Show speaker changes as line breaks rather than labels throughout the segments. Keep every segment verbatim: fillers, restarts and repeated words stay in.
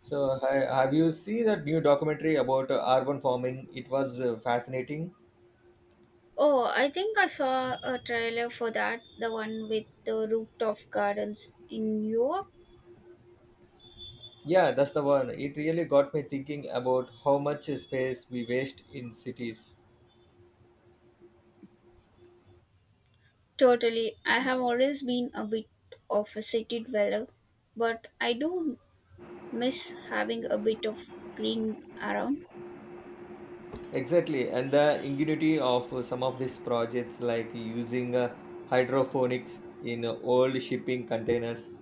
So, hi, have you seen that new documentary about uh, urban farming? It was uh, fascinating.
Oh, I think I saw a trailer for that, the one with the rooftop gardens in Europe.
Yeah, that's the one. It really got me thinking about how much space we waste in cities.
Totally. I have always been a bit of a city dweller, but I do miss having a bit of green around.
Exactly, and the ingenuity of uh, some of these projects, like using uh, hydroponics in uh, old shipping containers.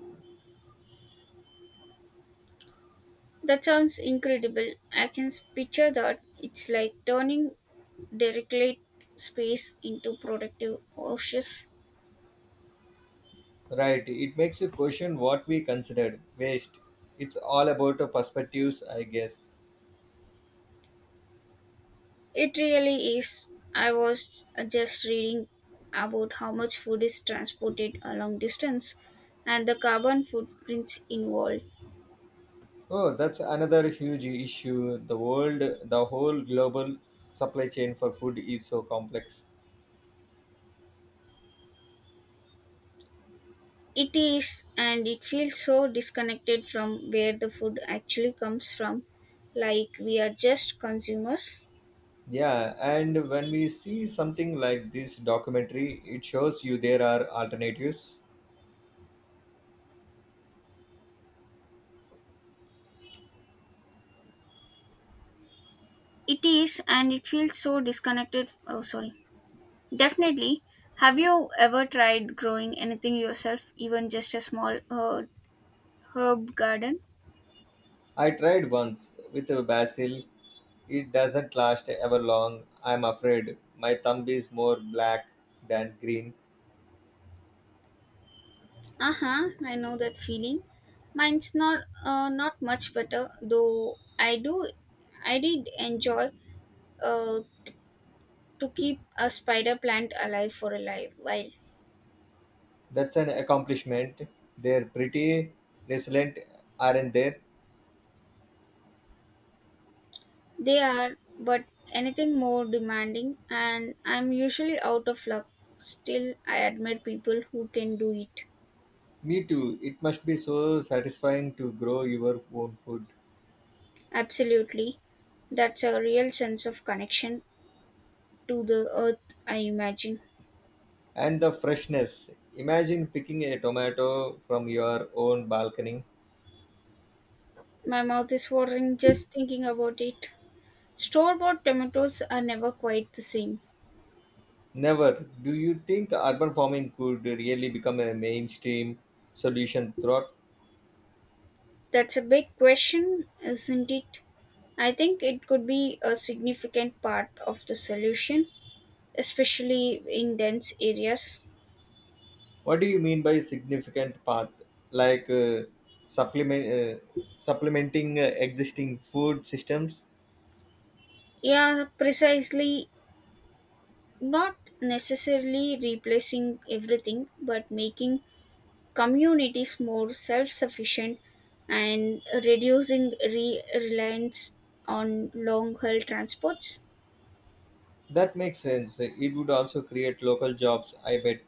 That sounds incredible. I can s- picture that. It's like turning derelict space into productive oases.
Right, it makes you question what we considered waste. It's all about uh, perspectives, I guess.
It really is. I was just reading about how much food is transported a long distance and the carbon footprints involved.
Oh, that's another huge issue. The world, the whole global supply chain for food is so complex.
It is, and it feels so disconnected from where the food actually comes from, like we are just consumers.
Yeah, and when we see something like this documentary, it shows you there are alternatives.
It is, and it feels so disconnected. Oh, sorry. Definitely. Have you ever tried growing anything yourself, even just a small uh, herb garden?
I tried once with a basil. It doesn't last ever long. I'm afraid my thumb is more black than green.
Uh-huh, I know that feeling. Mine's not uh, not much better, though I do I did enjoy uh, to keep a spider plant alive for a live while
That's an accomplishment. They're pretty resilient, aren't they?
they are, but anything more demanding and I'm usually out of luck. Still, I admire people who can do it.
Me too. It must be so satisfying to grow your own food.
Absolutely. That's a real sense of connection to the earth, I imagine.
And the freshness. Imagine picking a tomato from your own balcony.
My mouth is watering just thinking about it. Store bought tomatoes are never quite the same.
Never. Do you think urban farming could really become a mainstream solution throughout?
That's a big question, isn't it? I think it could be a significant part of the solution, especially in dense areas.
What do you mean by significant path? Like uh, supplement, uh, supplementing uh, existing food systems?
Yeah, precisely. Not necessarily replacing everything, but making communities more self sufficient and reducing re- reliance on long haul transports.
That makes sense. It would also create local jobs, I bet.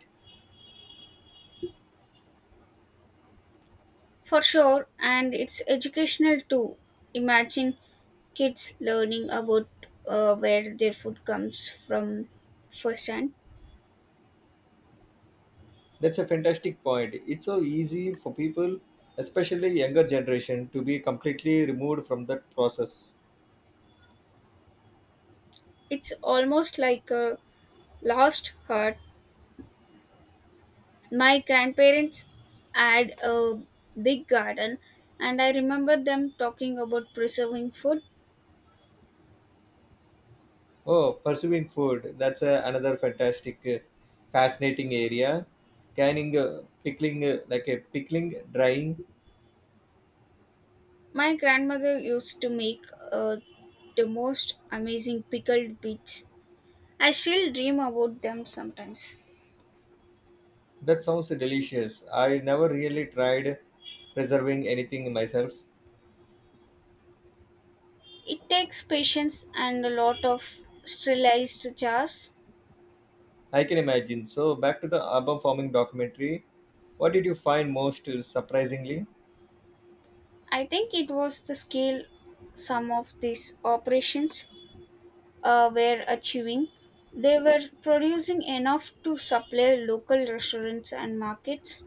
For sure, and it's educational too. Imagine kids learning about uh, where their food comes from firsthand.
That's a fantastic point. It's so easy for people, especially younger generation, to be completely removed from that process.
It's almost like a lost art. My grandparents had a big garden, and I remember them talking about preserving food.
Oh, pursuing food. That's uh, another fantastic, uh, fascinating area. Canning, uh, pickling, uh, like a pickling, drying.
My grandmother used to make uh, the most amazing pickled beets. I still dream about them sometimes.
That sounds delicious. I never really tried preserving anything myself.
It takes patience and a lot of sterilized jars.
I can imagine. So, back to the urban farming documentary. What did you find most uh, surprisingly?
I think it was the scale some of these operations uh, were achieving. They were producing enough to supply local restaurants and markets.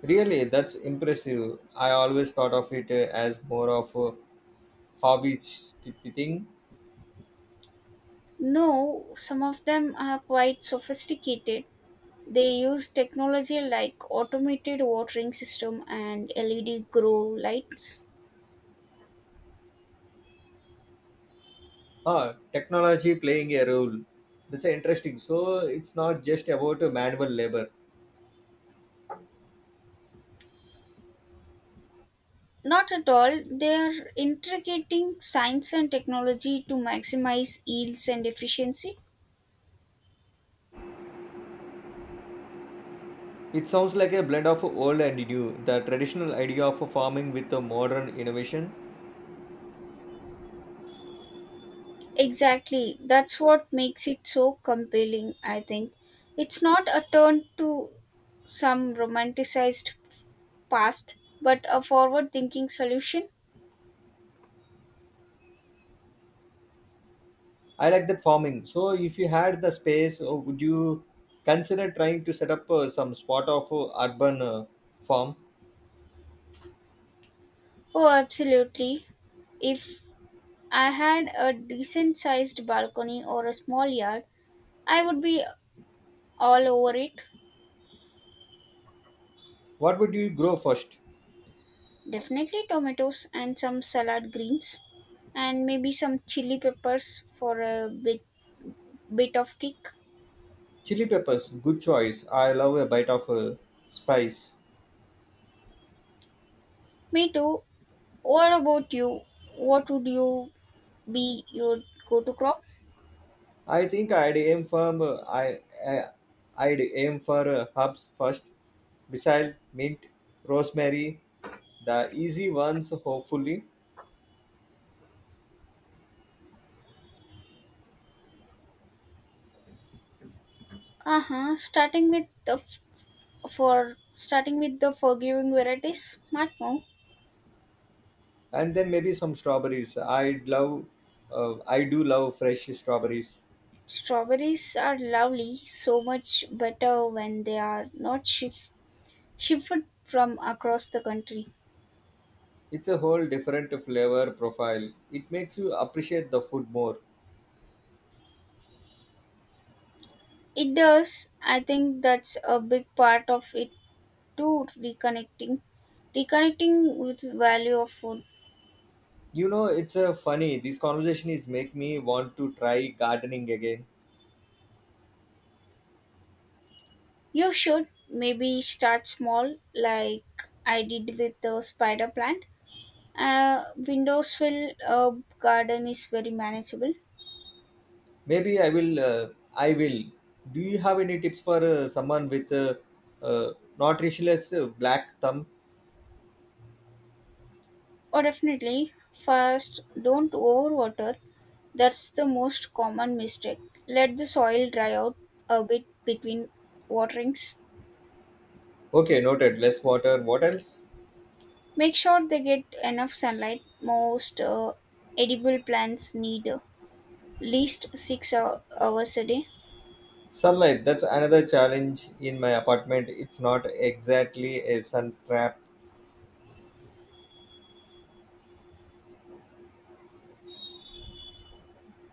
Really, that's impressive. I always thought of it uh, as more of a hobby th- thing.
No, some of them are quite sophisticated. They use technology like automated watering system and L E D grow lights.
Ah, technology playing a role. That's interesting. So it's not just about manual labor.
Not at all. They are integrating science and technology to maximize yields and efficiency.
It sounds like a blend of old and new. The traditional idea of farming with the modern innovation.
Exactly. That's what makes it so compelling, I think. It's not a turn to some romanticized past, but a forward thinking solution.
I like that farming. So if you had the space, uh, would you consider trying to set up uh, some spot of uh, urban uh, farm?
Oh, absolutely. If I had a decent sized balcony or a small yard, I would be all over it.
What would you grow first?
Definitely tomatoes and some salad greens, and maybe some chili peppers for a bit bit of kick.
Chili peppers, good choice. I love a bite of uh, spice.
Me too. What about you? What would you be your go-to crop?
I think I'd aim for I, I uh, I'd aim for uh, herbs first. Basil, mint, rosemary, the easy ones hopefully,
Uh huh. Starting with the f- For starting with the forgiving varieties, smart move.
and then maybe some strawberries. I'd love uh, I do love fresh strawberries.
Strawberries are lovely, so much better when they are not shif- shifted from across the country.
It's a whole different flavor profile. It makes you appreciate the food more.
It does. I think that's a big part of it, to reconnecting reconnecting with value of food.
You know, it's uh, funny. This conversation is make me want to try gardening again.
You should maybe start small, like I did with the spider plant. A windowsill uh, garden is very manageable.
Maybe I will. Uh, I will. Do you have any tips for uh, someone with uh, uh, nutritionless uh, black thumb?
Or definitely, first, don't overwater. That's the most common mistake. Let the soil dry out a bit between waterings.
Okay, noted. Less water. What else?
Make sure they get enough sunlight. Most uh, edible plants need uh, least six hou- hours a day.
Sunlight. That's another challenge in my apartment. It's not exactly a sun trap.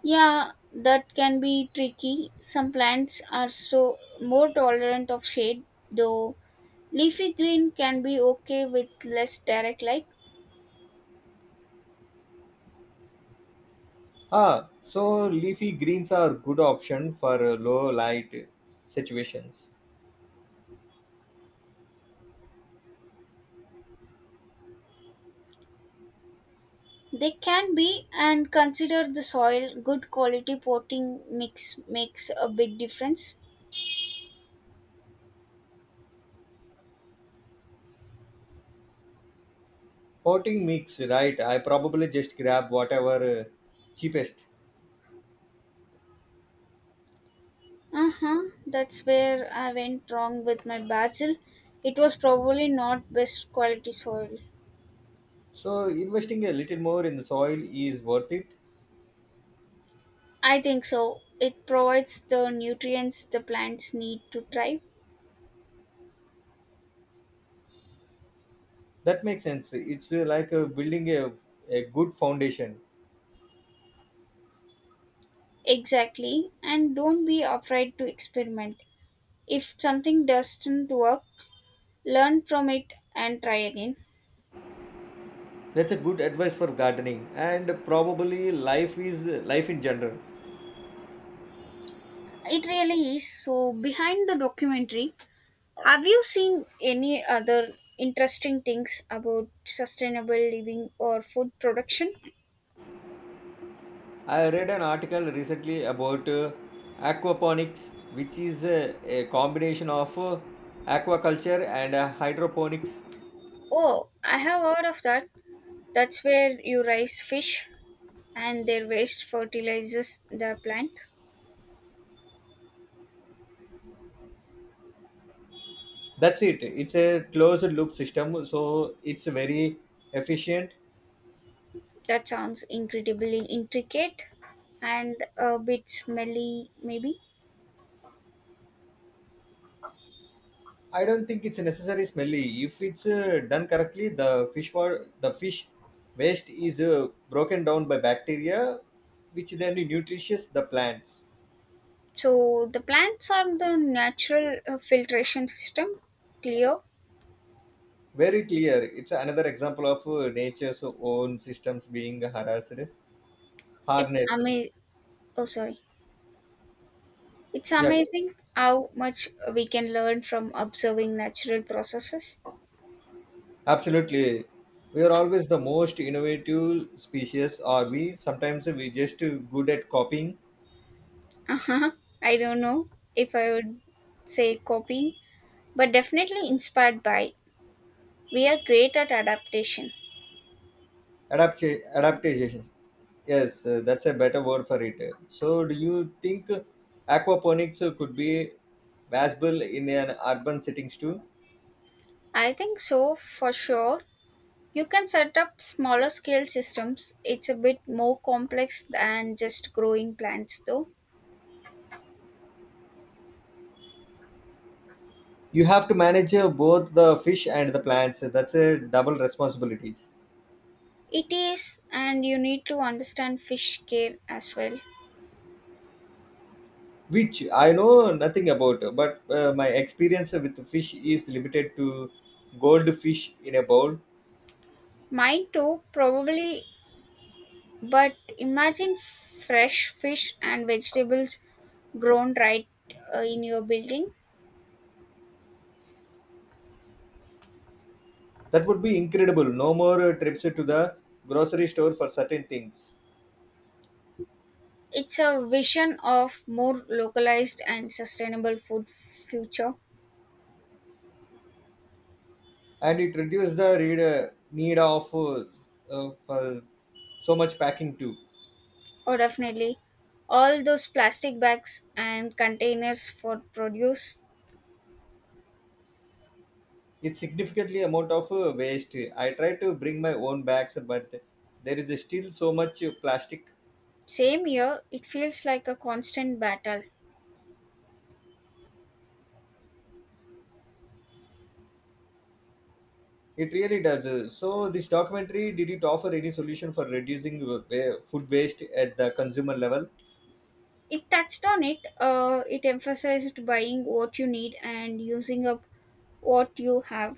Yeah, that can be tricky. Some plants are so more tolerant of shade, though leafy green can be okay with less direct light.
Ah, so leafy greens are good option for uh, low light situations.
They can be, and consider the soil. Good quality potting mix makes a big difference.
Potting mix, right? I probably just grab whatever uh, cheapest.
Uh huh. That's where I went wrong with my basil. It was probably not best quality soil.
So investing a little more in the soil is worth it.
I think so. It provides the nutrients the plants need to thrive.
That makes sense. It's uh, like uh, building a, a good foundation.
Exactly. And don't be afraid to experiment. If something doesn't work, learn from it and try again.
That's a good advice for gardening and probably life is life in general.
It really is. So, behind the documentary, have you seen any other interesting things about sustainable living or food production?
I read an article recently about uh, aquaponics, which is a, a combination of uh, aquaculture and uh, hydroponics.
Oh, I have heard of that. That's where you raise fish and their waste fertilizes the plant.
That's it. It's a closed loop system, so it's very efficient.
That sounds incredibly intricate and a bit smelly, maybe.
I don't think it's necessarily smelly. If it's uh, done correctly, the fish wa- the fish waste is uh, broken down by bacteria, which then nutrients the plants.
So, the plants are the natural uh, filtration system. Clear?
Very clear. It's another example of uh, nature's own systems being harassed,
It's
harnessed.
amazing. Oh, sorry. It's
Yeah,
amazing how much we can learn from observing natural processes.
absolutely. We are always the most innovative species, are we? Sometimes we just uh, good at copying
Uh-huh. I don't know if I would say copying, but definitely inspired by. We are great at adaptation.
adapt adaptation. Yes, uh, that's a better word for it. So, do you think aquaponics could be viable in an urban settings too?
I think so, for sure. You can set up smaller scale systems. It's a bit more complex than just growing plants, though.
You have to manage uh, both the fish and the plants. That's a double responsibilities,
It is, and you need to understand fish care as well.
which I know nothing about. But uh, my experience with fish is limited to goldfish in a bowl.
Mine too, probably, but imagine fresh fish and vegetables grown right uh, in your building.
That would be incredible. No more uh, trips to the grocery store for certain things,
It's a vision of more localized and sustainable food future.
and it reduces the reader need of uh, uh, for so much packing too.
Oh, definitely. All those plastic bags and containers for produce.
It's significantly amount of uh, waste. I try to bring my own bags, but there is still so much uh, plastic.
Same year, it feels like a constant battle.
It really does. Uh, So this documentary did it offer any solution for reducing uh, wa- food waste at the consumer level,
It touched on it, uh, it emphasized buying what you need and using up what you have.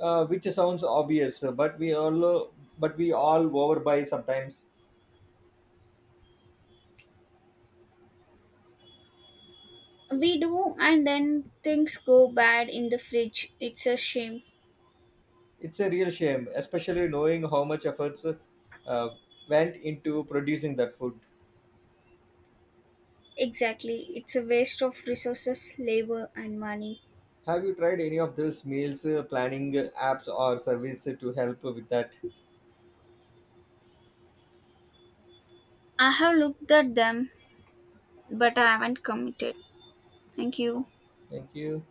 uh, which sounds obvious, uh, but we all uh, but we all overbuy sometimes.
We do, and then things go bad in the fridge. It's a shame.
It's a real shame, especially knowing how much efforts uh, went into producing that food.
Exactly, it's a waste of resources, labor, and money.
Have you tried any of those meals uh, planning uh, apps or service to help with that?
I have looked at them, but I haven't committed. Thank you.
Thank you.